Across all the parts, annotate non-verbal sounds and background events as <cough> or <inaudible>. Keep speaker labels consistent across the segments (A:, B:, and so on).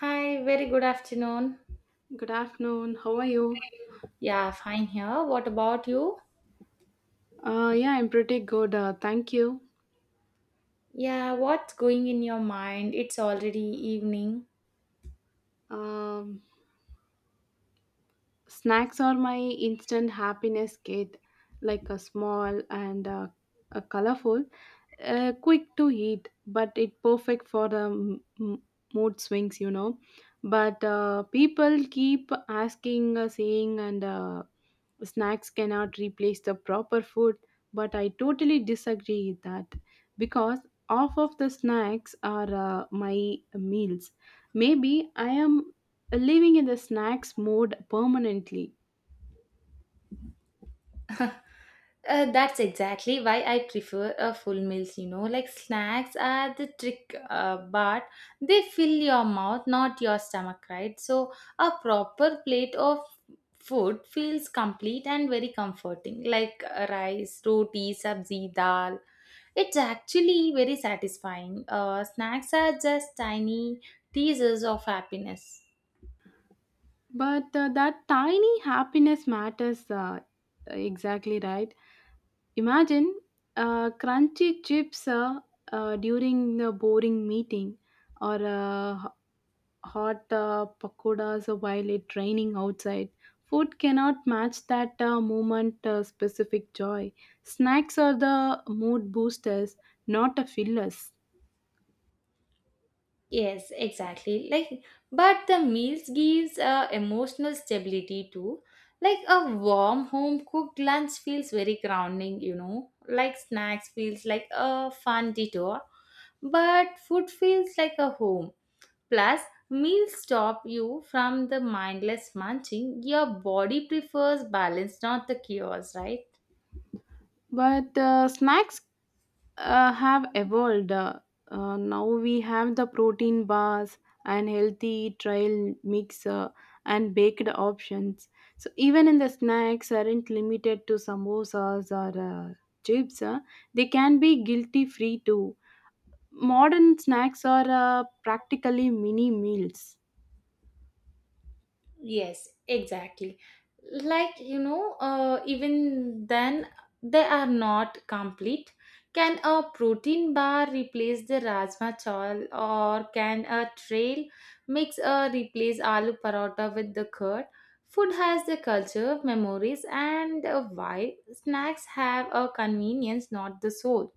A: Hi, very good afternoon.
B: Good afternoon. How are you?
A: Yeah, fine here. What about you?
B: Yeah, I'm pretty good. Thank you.
A: Yeah, what's going in your mind? It's already evening.
B: Um, Snacks are my instant happiness kit, like a small and a colorful, quick to eat, but it perfect for the mood swings, you know. But people keep asking, saying, and snacks cannot replace the proper food, but I totally disagree with that because half of the snacks are my meals. Maybe I am living in the snacks mode permanently.
A: <laughs> That's exactly why I prefer a full meals, like snacks are the trick, but they fill your mouth, not your stomach, right? So, a proper plate of food feels complete and very comforting, like rice, roti, sabzi, dal, it's actually very satisfying. Snacks are just tiny teasers of happiness.
B: But that tiny happiness matters, exactly right. Imagine crunchy chips, during the boring meeting, or a hot pakodas while it raining outside. Food cannot match that moment specific joy. Snacks are the mood boosters, not a fillers.
A: Yes, exactly. Like, but the meals gives emotional stability too. Like a warm home cooked lunch feels very grounding, Like snacks feels like a fun detour, but food feels like a home. Plus, meals stop you from the mindless munching. Your body prefers balance, not the chaos, right?
B: But snacks have evolved. Now we have the protein bars and healthy trail mix and baked options. So even in the snacks aren't limited to samosas or chips. They can be guilty free too. Modern snacks are practically mini meals,
A: Yes, exactly. Even then, they are not complete. Can a protein bar replace the rajma chawal, or can a trail mix replace aloo paratha with the curd? Food has the culture, memories, and a vibe. Snacks have a convenience, not the soul.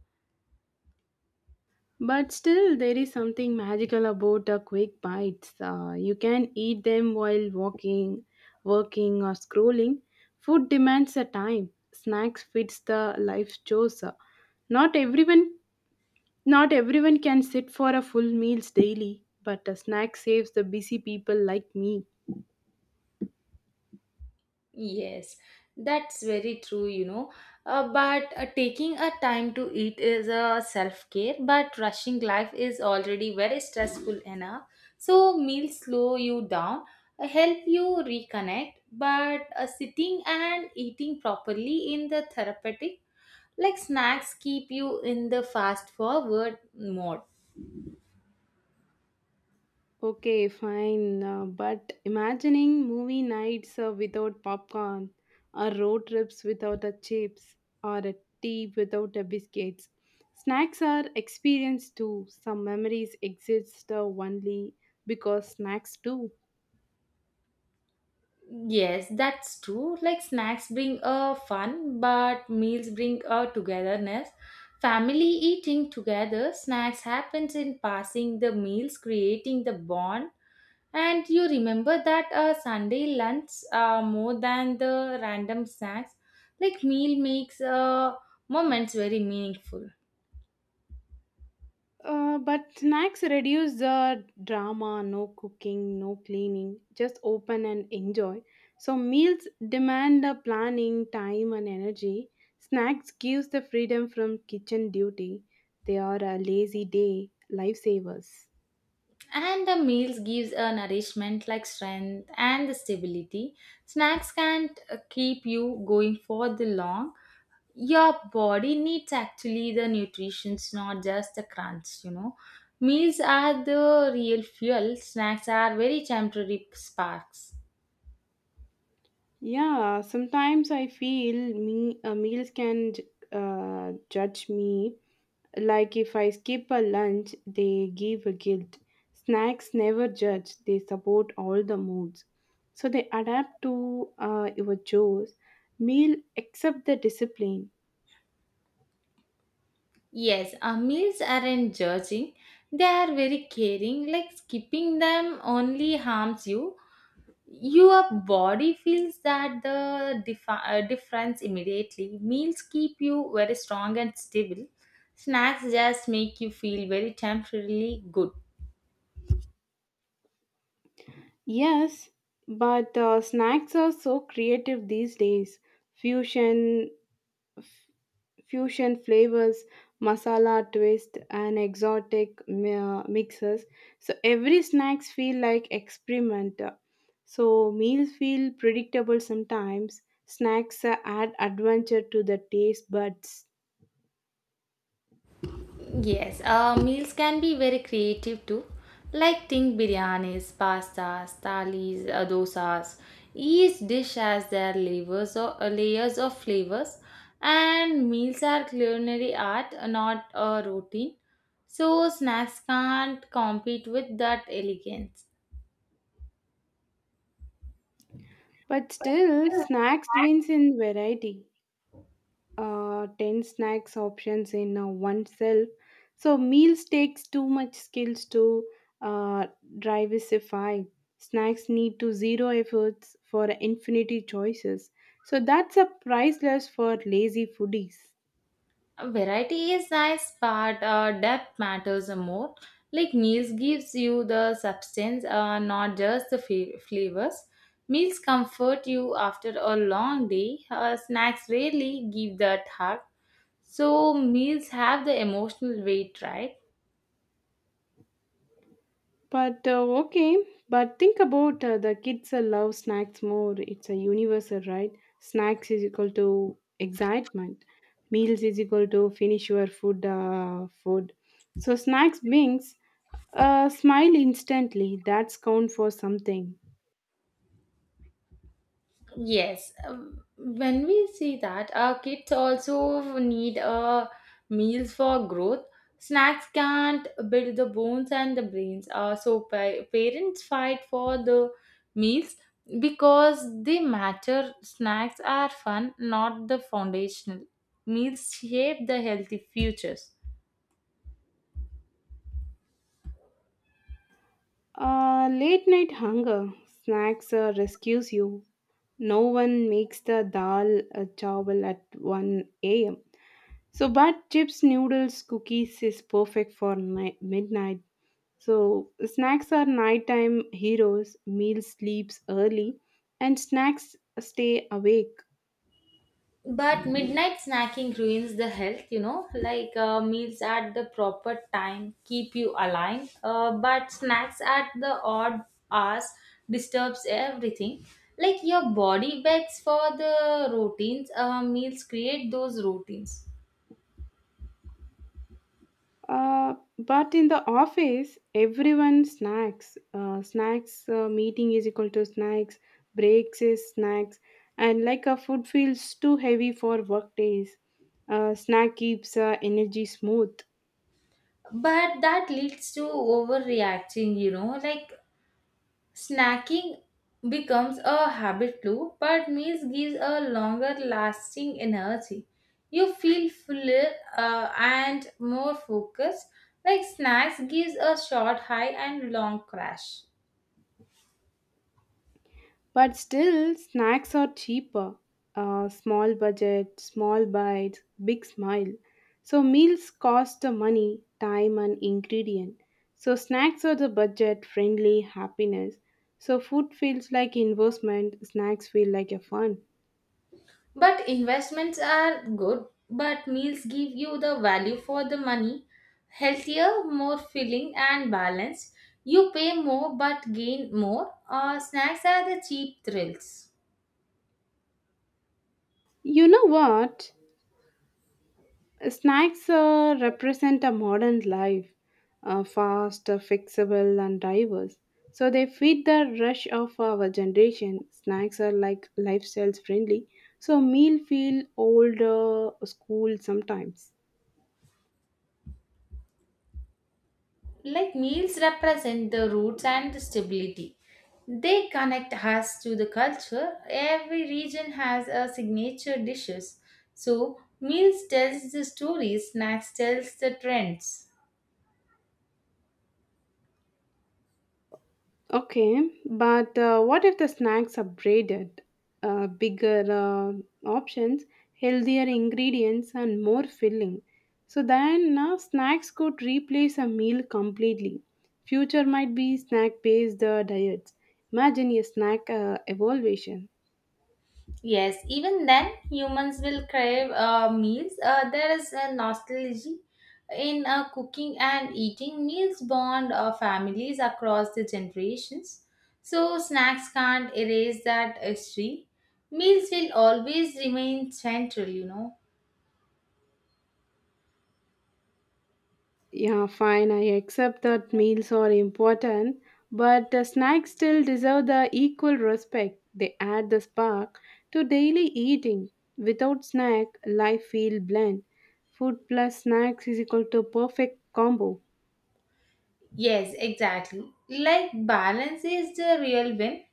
B: but still, there is something magical about quick bites. You can eat them while walking, working, or scrolling. Food demands a time. Snacks fits the life's chores. Not everyone, not everyone can sit for a full meals daily, but a snack saves the busy people like me.
A: Yes, that's very true, but taking a time to eat is a self care, but rushing life is already very stressful enough. So, meals slow you down, help you reconnect, but sitting and eating properly in the therapeutic, like snacks, keep you in the fast forward mode.
B: Okay, fine. But imagining movie nights without popcorn, or road trips without the chips, or a tea without the biscuits. Snacks are experienced too. Some memories exist only because snacks do.
A: Yes, that's true. Like snacks bring a fun, but meals bring a togetherness. Family eating together, snacks happens in passing the meals, creating the bond. And you remember that Sunday lunch more than the random snacks. Like meal makes moments very meaningful.
B: But snacks reduce the drama, no cooking, no cleaning, just open and enjoy. So, meals demand the planning, time, and energy. Snacks gives the freedom from kitchen duty. They are a lazy day lifesavers.
A: And the meals gives a nourishment like strength and the stability. Snacks can't keep you going for the long, your body needs actually the nutritions, not just the crunch, meals are the real fuel, snacks are very temporary sparks.
B: Yeah, sometimes I feel me meals can judge me. Like if I skip a lunch, they give a guilt. Snacks never judge, they support all the moods. So they adapt to your chores. Meal accept the discipline.
A: Yes, our meals aren't judging, they are very caring, like skipping them only harms you. Your body feels that the difference immediately. Meals keep you very strong and stable, snacks just make you feel very temporarily good.
B: Yes, but snacks are so creative these days. Fusion fusion flavors, masala twist, and exotic mixes. So every snacks feel like experiment. So meals feel predictable sometimes. Snacks add adventure to the taste buds.
A: Yes, meals can be very creative too. Like think biryanis, pastas, thalis, dosas. Each dish has their layers or layers of flavors, and meals are culinary art, not a routine. So snacks can't compete with that elegance.
B: But still, snacks wins in variety. 10 snacks options in oneself. So meals takes too much skills to uh, diversify. Snacks need to zero efforts for infinity choices. So that's a priceless for lazy foodies.
A: Variety is nice, but depth matters more. Like meals gives you the substance, not just the flavors. Meals comfort you after a long day. Snacks rarely give that hug. So meals have the emotional weight, right?
B: But okay, but think about the kids love snacks more. It's a universal, right? Snacks is equal to excitement. Meals is equal to finish your food. Food. So snacks brings a smile instantly. That's count for something.
A: Yes, when we see that, our kids also need meals for growth. Snacks can't build the bones and the brains. So parents fight for the meals because they matter. Snacks are fun, not the foundational. Meals shape the healthy futures.
B: Late night hunger. Snacks rescues you. No one makes the dal chawal at 1 a.m. So, but chips, noodles, cookies is perfect for night, midnight. So, snacks are nighttime heroes, meal sleeps early, and snacks stay awake.
A: But midnight snacking ruins the health, meals at the proper time keep you aligned, but snacks at the odd hours disturbs everything. Like your body begs for the routines, meals create those routines.
B: But in the office, everyone snacks. Snacks meeting is equal to snacks, breaks is snacks, and like a food feels too heavy for work days. Snack keeps energy smooth.
A: But that leads to overreacting, like snacking becomes a habit too, but meals gives a longer lasting energy. You feel fuller and more focused. Like snacks gives a short high and long crash.
B: But still, snacks are cheaper. Small budget, small bites, big smile. So meals cost the money, time, and ingredient. So snacks are the budget friendly happiness. So food feels like investment, snacks feel like a fun.
A: But investments are good, but meals give you the value for the money, healthier, more filling and balanced. You pay more but gain more. Snacks are the cheap thrills.
B: You know what? Snacks represent a modern life, fast, fixable, and diverse. So they fit the rush of our generation. Snacks are like lifestyles friendly. So meal feel older, school sometimes.
A: Like meals represent the roots and the stability, they connect us to the culture. Every region has a signature dishes, so meals tells the stories, snacks tells the trends.
B: Okay, but what if the snacks are braided? Bigger options, healthier ingredients, and more filling. So then snacks could replace a meal completely. Future might be snack based diets. Imagine a snack evolution.
A: Yes, even then, humans will crave meals. There is a nostalgia in cooking and eating. Meals bond families across the generations. So, snacks can't erase that history. Meals will always remain central,
B: Yeah, fine, I accept that meals are important, but the snacks still deserve the equal respect. They add the spark to daily eating. Without snack, life feel bland. Food plus snacks is equal to perfect combo.
A: Yes, exactly. Like, balance is the real win.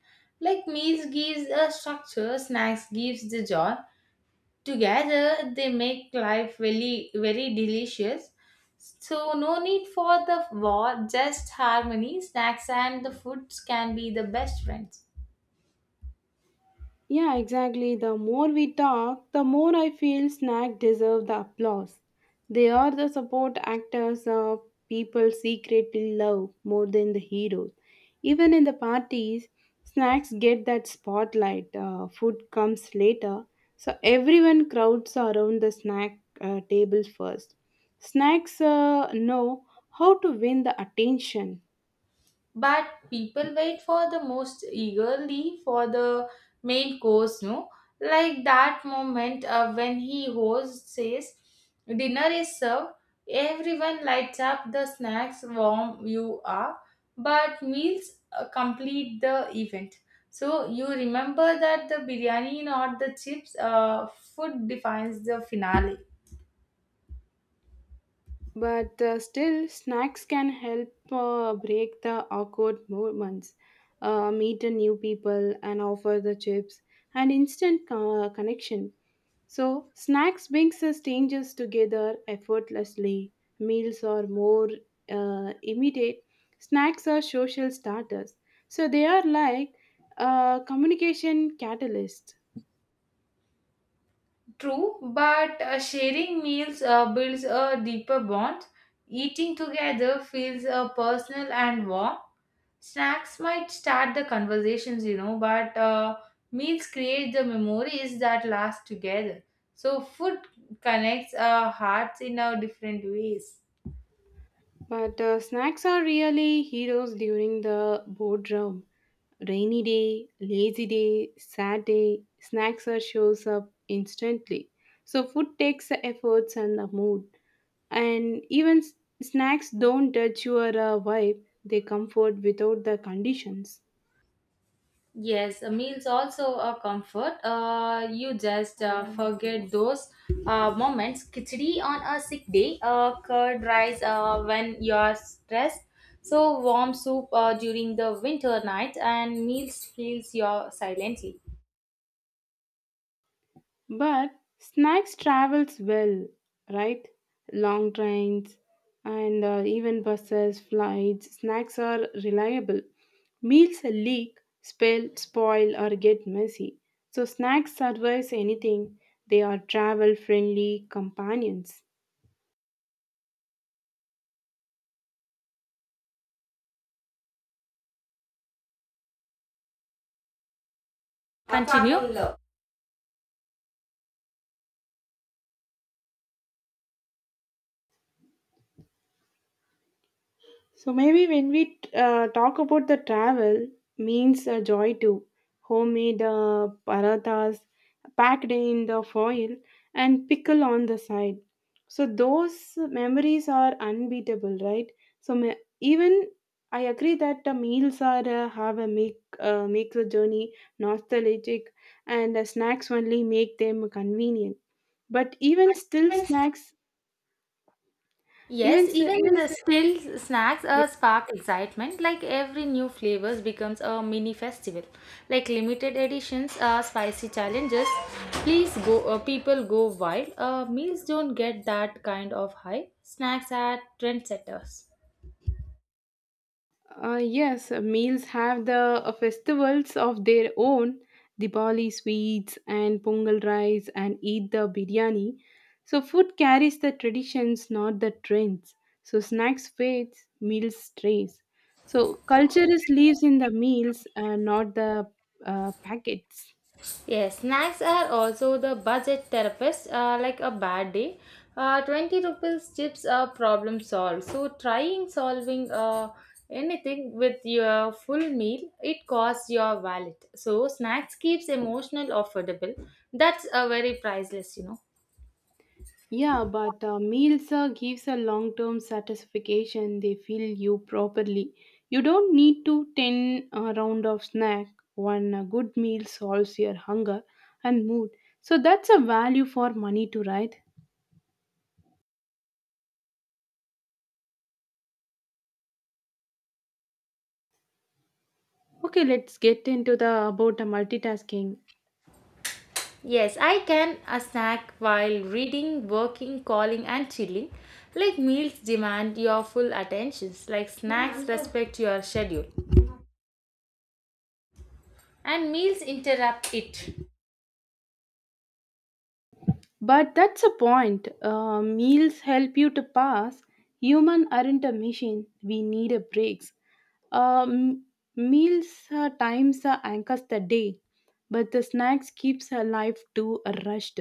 A: Like, meals gives a structure, snacks gives the joy. Together, they make life really very delicious. So no need for the war, just harmony. Snacks and the foods can be the best friends.
B: Yeah, exactly. The more we talk, the more I feel Snack deserve the applause. They are the support actors, people secretly love more than the heroes. Even in the parties, snacks get that spotlight. Food comes later, so everyone crowds around the snack table first. Snacks know how to win the attention.
A: But people wait for the most eagerly for the main course. No, like that moment when he host says dinner is served, everyone lights up. The snacks warm you are, but meals complete the event. So you remember that the biryani, not the chips. Food defines the finale.
B: But still, snacks can help break the awkward moments, meet the new people, and offer the chips and instant connection. So, snacks brings us strangers together effortlessly. Meals are more immediate. Snacks are social starters. So, they are like communication catalysts.
A: True, but sharing meals builds a deeper bond. Eating together feels personal and warm. Snacks might start the conversations, but meals create the memories that last together. So, food connects our hearts in our different ways.
B: But snacks are really heroes during the boardroom. Rainy day, lazy day, sad day, snacks are shows up instantly. So food takes the efforts and the mood. And even snacks don't touch your vibe, they comfort without the conditions.
A: Yes, meals also a comfort. You just forget those moments. Khichdi on a sick day, curd rice when you're stressed. So warm soup during the winter night, and meals heals your silently.
B: But snacks travels well, right? Long trains and even buses, flights, snacks are reliable. Meals leak, spill, spoil or get messy. So snacks survives anything. They are travel friendly companions.
A: Continue.
B: So maybe when we talk about the travel, means a joy too. Homemade parathas packed in the foil and pickle on the side. So those memories are unbeatable, right? So ma- even I agree that the meals are have a make the journey nostalgic, and the snacks only make them convenient. But even still, snacks even
A: Yes,
B: s-
A: even in still snacks spark excitement. Like every new flavors becomes a mini festival. Like limited editions, spicy challenges. Please go. People go wild. Meals don't get that kind of high. Snacks are trendsetters.
B: Yes, meals have the festivals of their own. Diwali sweets and Pongal rice and Eid the biryani. So, food carries the traditions, not the trends. So, snacks fades, meals strays. So, culture is lives in the meals, not the packets.
A: Yes, snacks are also the budget therapist, like a bad day. 20 rupees chips are problem solved. So, trying solving anything with your full meal, it costs your wallet. So, snacks keeps emotional affordable. That's a very priceless,
B: Yeah, but meals gives a long term satisfaction. They fill you properly. You don't need to ten round of snack. One good meal solves your hunger and mood. So that's a value for money to right. Okay, let's get into the about the multitasking.
A: Yes, I can a snack while reading, working, calling, and chilling. Like meals demand your full attentions, like snacks respect your schedule, and meals interrupt it.
B: But that's a point. Meals help you to pass. Human aren't a machine. We need a breaks. Um, meals times anchors the day, but the snacks keeps her life too rushed.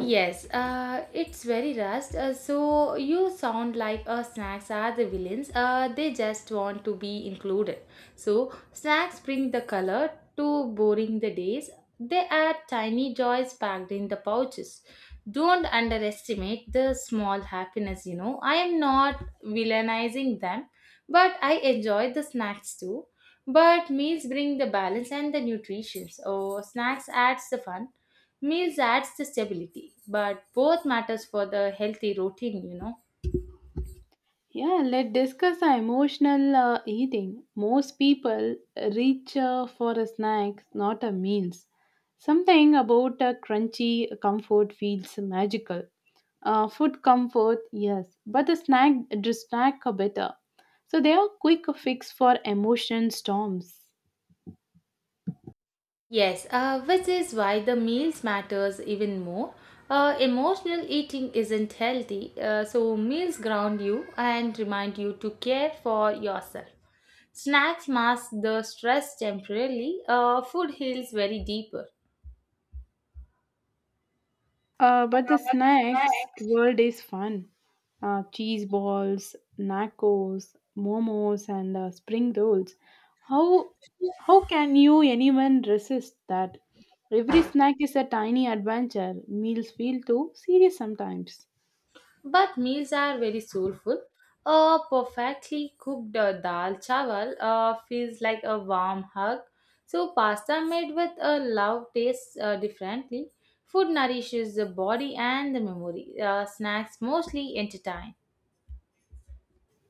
A: Yes, it's very rushed. So you sound like snacks are the villains. They just want to be included. So snacks bring the color to boring the days. They are tiny joys packed in the pouches. Don't underestimate the small happiness. I am not villainizing them, but I enjoy the snacks too. But meals bring the balance and the nutrition. So snacks adds the fun. Meals adds the stability, but both matters for the healthy routine,
B: Yeah, let's discuss the emotional eating. Most people reach for a snack, not a meals. Something about a crunchy comfort feels magical. Food comfort, yes, but the snack are better. So they are quick fix for emotion storms.
A: Yes, which is why the meals matters even more. Emotional eating isn't healthy, so meals ground you and remind you to care for yourself. Snacks mask the stress temporarily. Food heals very deeper.
B: But the snacks world is fun. Cheese balls, nachos, momos, and spring rolls. How how can you anyone resist that? Every snack is a tiny adventure. Meals feel too serious sometimes.
A: But meals are very soulful. A perfectly cooked dal chawal feels like a warm hug. So pasta made with a love tastes differently. Food nourishes the body and the memory. Snacks mostly entertain.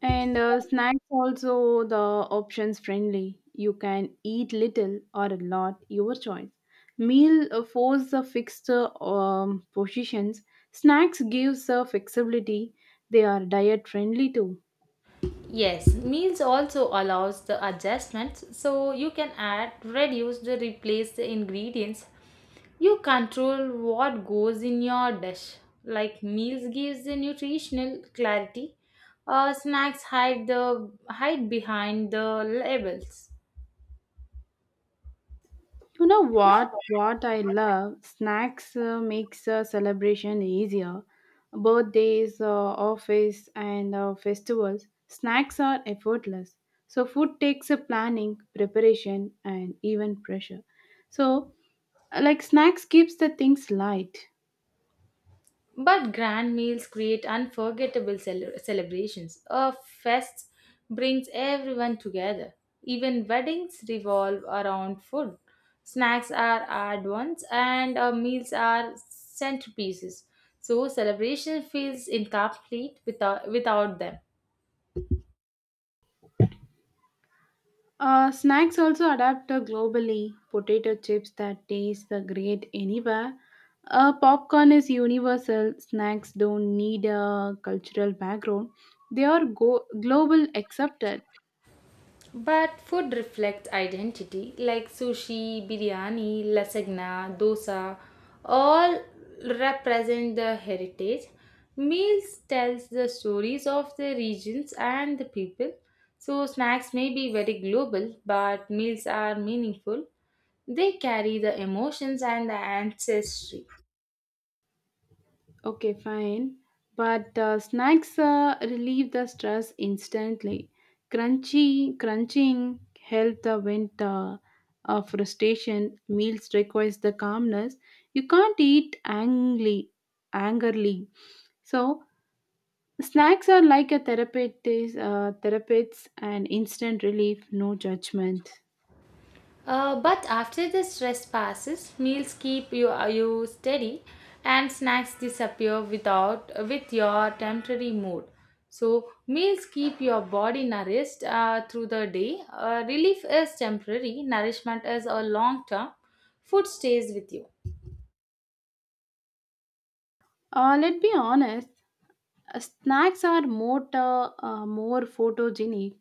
B: And snacks also the options friendly. You can eat little or a lot, your choice. Meal force the fixed positions. Snacks gives the flexibility. They are diet friendly too.
A: Yes, meals also allows the adjustments so you can add, reduce, the replace the ingredients. You control what goes in your dish. Like meals gives the nutritional clarity, snacks hide behind the labels.
B: You know what? What I love snacks makes a celebration easier. Birthdays, office, and festivals. Snacks are effortless. So food takes a planning, preparation, and even pressure. So, like snacks keeps the things light.
A: But grand meals create unforgettable celebrations. A fest brings everyone together. Even weddings revolve around food. Snacks are add ons and meals are centerpieces. So celebration feels incomplete without them.
B: Snacks also adapt globally. Potato chips that taste great anywhere. Popcorn is universal. Snacks don't need a cultural background. They are global accepted.
A: But food reflects identity like sushi, biryani, lasagna, dosa all represent the heritage. Meals tells the stories of the regions and the people. So snacks may be very global but meals are meaningful. They carry the emotions and the ancestry.
B: Okay, fine. But snacks relieve the stress instantly. Crunchy, crunching help the vent of frustration. Meals requires the calmness. You can't eat angrily. So snacks are like a therapists and instant relief, no judgment.
A: But after the stress passes, meals keep you you steady, and snacks disappear without with your temporary mood. So meals keep your body nourished through the day. Relief is temporary, nourishment is a long term. Food stays with you.
B: Let's be honest, snacks are more, more photogenic,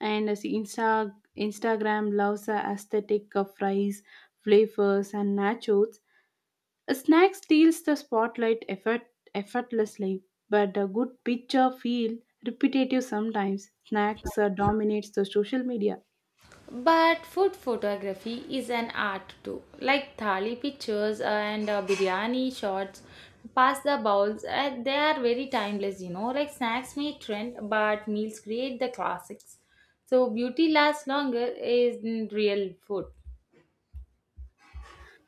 B: and as Instagram loves the aesthetic of fries, flavors, and nachos. A snack steals the effortlessly, but a good picture feel repetitive sometimes. Snacks dominates the social media.
A: But food photography is an art too, like thali pictures and biryani shots, pasta the bowls. They are very timeless, Like snacks may trend, but meals create the classics. So beauty lasts longer is in real food.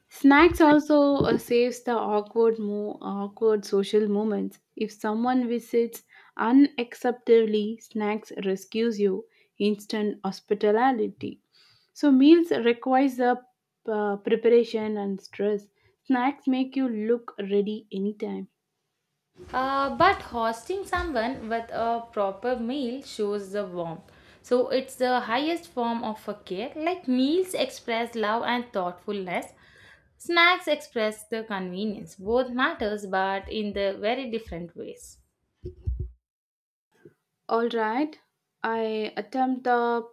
B: Snacks also saves the awkward social moments. If someone visits unacceptably, snacks rescues you. Instant hospitality. So meals requires the preparation and stress. Snacks make you look ready anytime.
A: But hosting someone with a proper meal shows the warmth. So it's the highest form of a care. Like meals express love and thoughtfulness. Snacks express the convenience. Both matters, but in the very different ways.
B: All right, I attempt the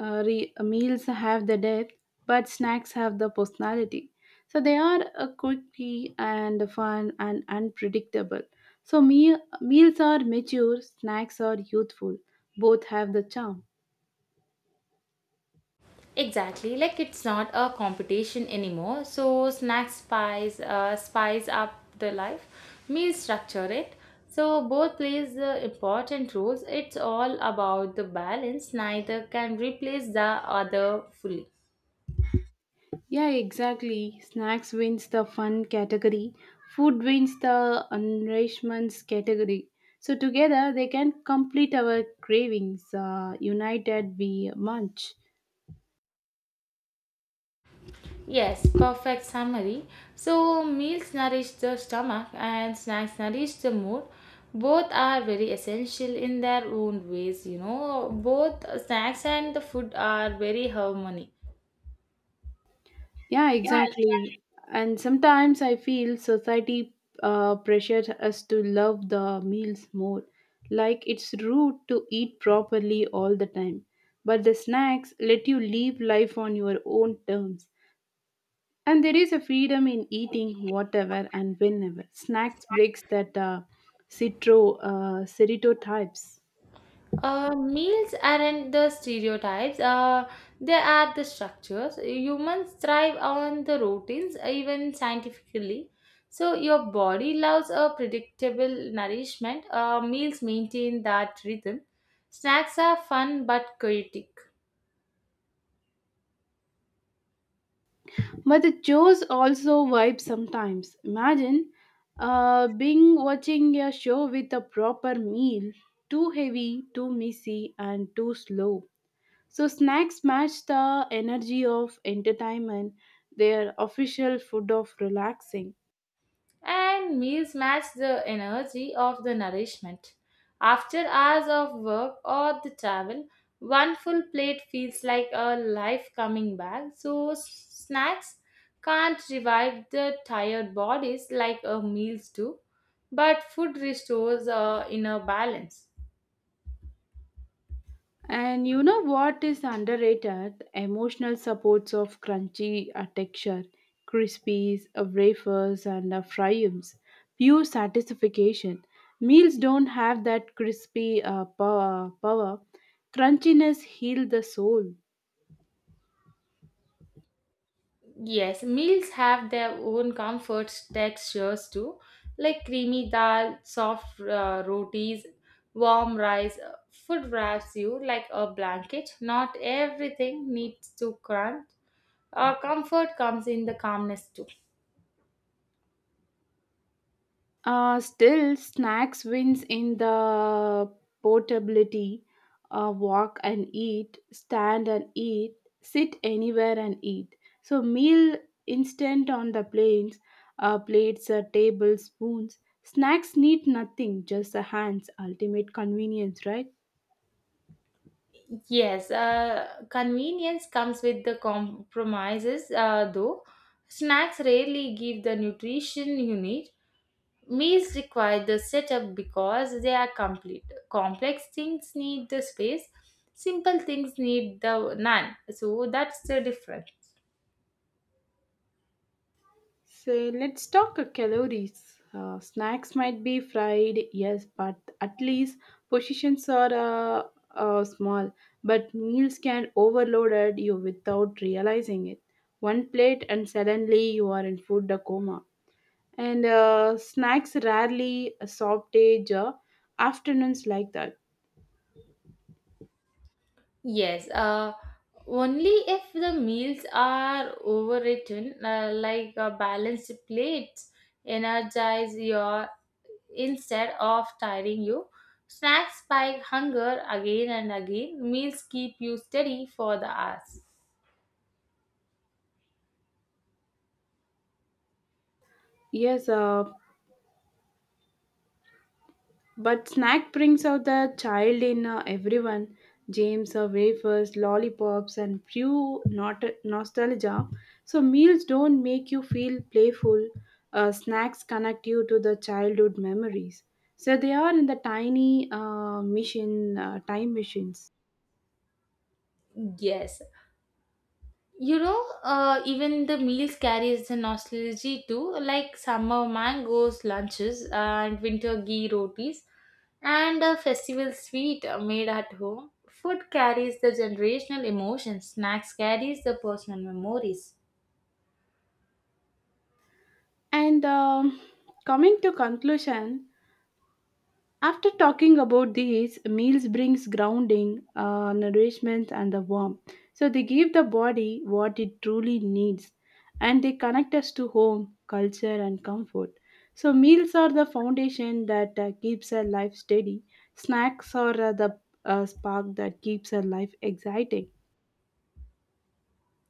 B: meals have the depth, but snacks have the personality. So they are quirky and fun and unpredictable. So meals are mature, snacks are youthful. Both have the charm.
A: Exactly, like it's not a competition anymore. So snacks spice up the life, meal structure it. So both plays the important roles. It's all about the balance. Neither can replace the other fully.
B: Yeah, exactly. Snacks wins the fun category. Food wins the nourishments category. So together they can complete our cravings. United we munch.
A: Yes, perfect summary. So meals nourish the stomach and snacks nourish the mood. Both are very essential in their own ways. Both snacks and the food are very harmony.
B: Yeah, exactly. And sometimes I feel society pressures us to love the meals more. Like it's rude to eat properly all the time. But the snacks let you live life on your own terms. And there is a freedom in eating whatever and whenever. Snacks breaks that citro stereotypes.
A: Meals aren't the stereotypes, they are the structures. Humans thrive on the routines, even scientifically. So, your body loves a predictable nourishment. Meals maintain that rhythm. Snacks are fun but chaotic.
B: But the shows also vibe sometimes. Imagine being watching a show with a proper meal, too heavy, too messy, and too slow. So snacks match the energy of entertainment, their official food of relaxing.
A: And meals match the energy of the nourishment. After hours of work or the travel, one full plate feels like a life coming back, so snacks can't revive the tired bodies like a meals do, but food restores a inner balance.
B: And you know what is underrated? Emotional supports of crunchy texture, crispies, wafers, and fryums. Pure satisfaction. Meals don't have that crispy power. Crunchiness heals the soul.
A: Yes, meals have their own comforts, textures too, like creamy dal, soft rotis, warm rice. Food wraps you like a blanket. Not everything needs to crunch. Comfort comes in the calmness too.
B: Still, snacks wins in the portability. Walk and eat, stand and eat, sit anywhere and eat. So meal instant on the planes, plates, tables, spoons. Snacks need nothing, just the hands. Ultimate convenience, right?
A: Yes, convenience comes with the compromises, though. Snacks rarely give the nutrition you need. Meals require the setup because they are complete. Complex things need the space, simple things need the none. So that's the difference.
B: So let's talk calories. Snacks might be fried, yes, but at least portions are small. But meals can overload you without realizing it. One plate and suddenly you are in food coma. And snacks rarely a soft age afternoons like that.
A: Yes, only if the meals are overwritten, like a balanced plates, energize your instead of tiring you. Snacks spike hunger again and again. Meals keep you steady for the hours.
B: Yes, but snack brings out the child in everyone. James wafers, lollipops, and pure nostalgia. So meals don't make you feel playful. Snacks connect you to the childhood memories. So they are in the tiny time machines.
A: Yes, even the meals carries the nostalgia too, like summer mangoes lunches and winter ghee rotis and a festival sweet made at home. Food carries the generational emotions, snacks carries the personal memories.
B: And coming to conclusion, after talking about these, meals brings grounding, nourishment, and the warmth. So they give the body what it truly needs, and they connect us to home, culture, and comfort. So meals are the foundation that keeps our life steady. Snacks are the spark that keeps our life exciting.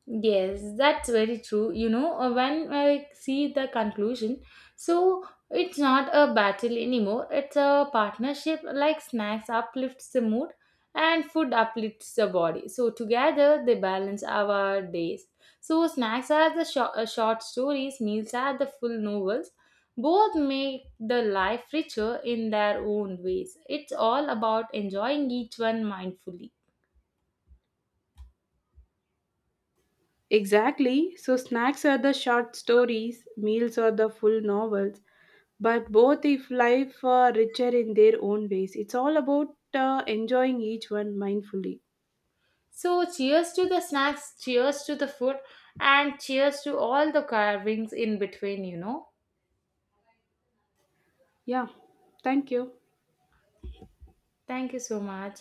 A: Yes, that's very true. When I see the conclusion, so it's not a battle anymore, it's a partnership like snacks uplifts the mood and food uplifts the body. So, together they balance our days. So, snacks are the short stories, meals are the full novels. Both make the life richer in their own ways. It's all about enjoying each one mindfully.
B: Exactly. So snacks are the short stories, meals are the full novels, but both if life are richer in their own ways. It's all about enjoying each one mindfully.
A: So, cheers to the snacks, cheers to the food, and cheers to all the carvings in between,
B: Yeah, thank you.
A: Thank you so much.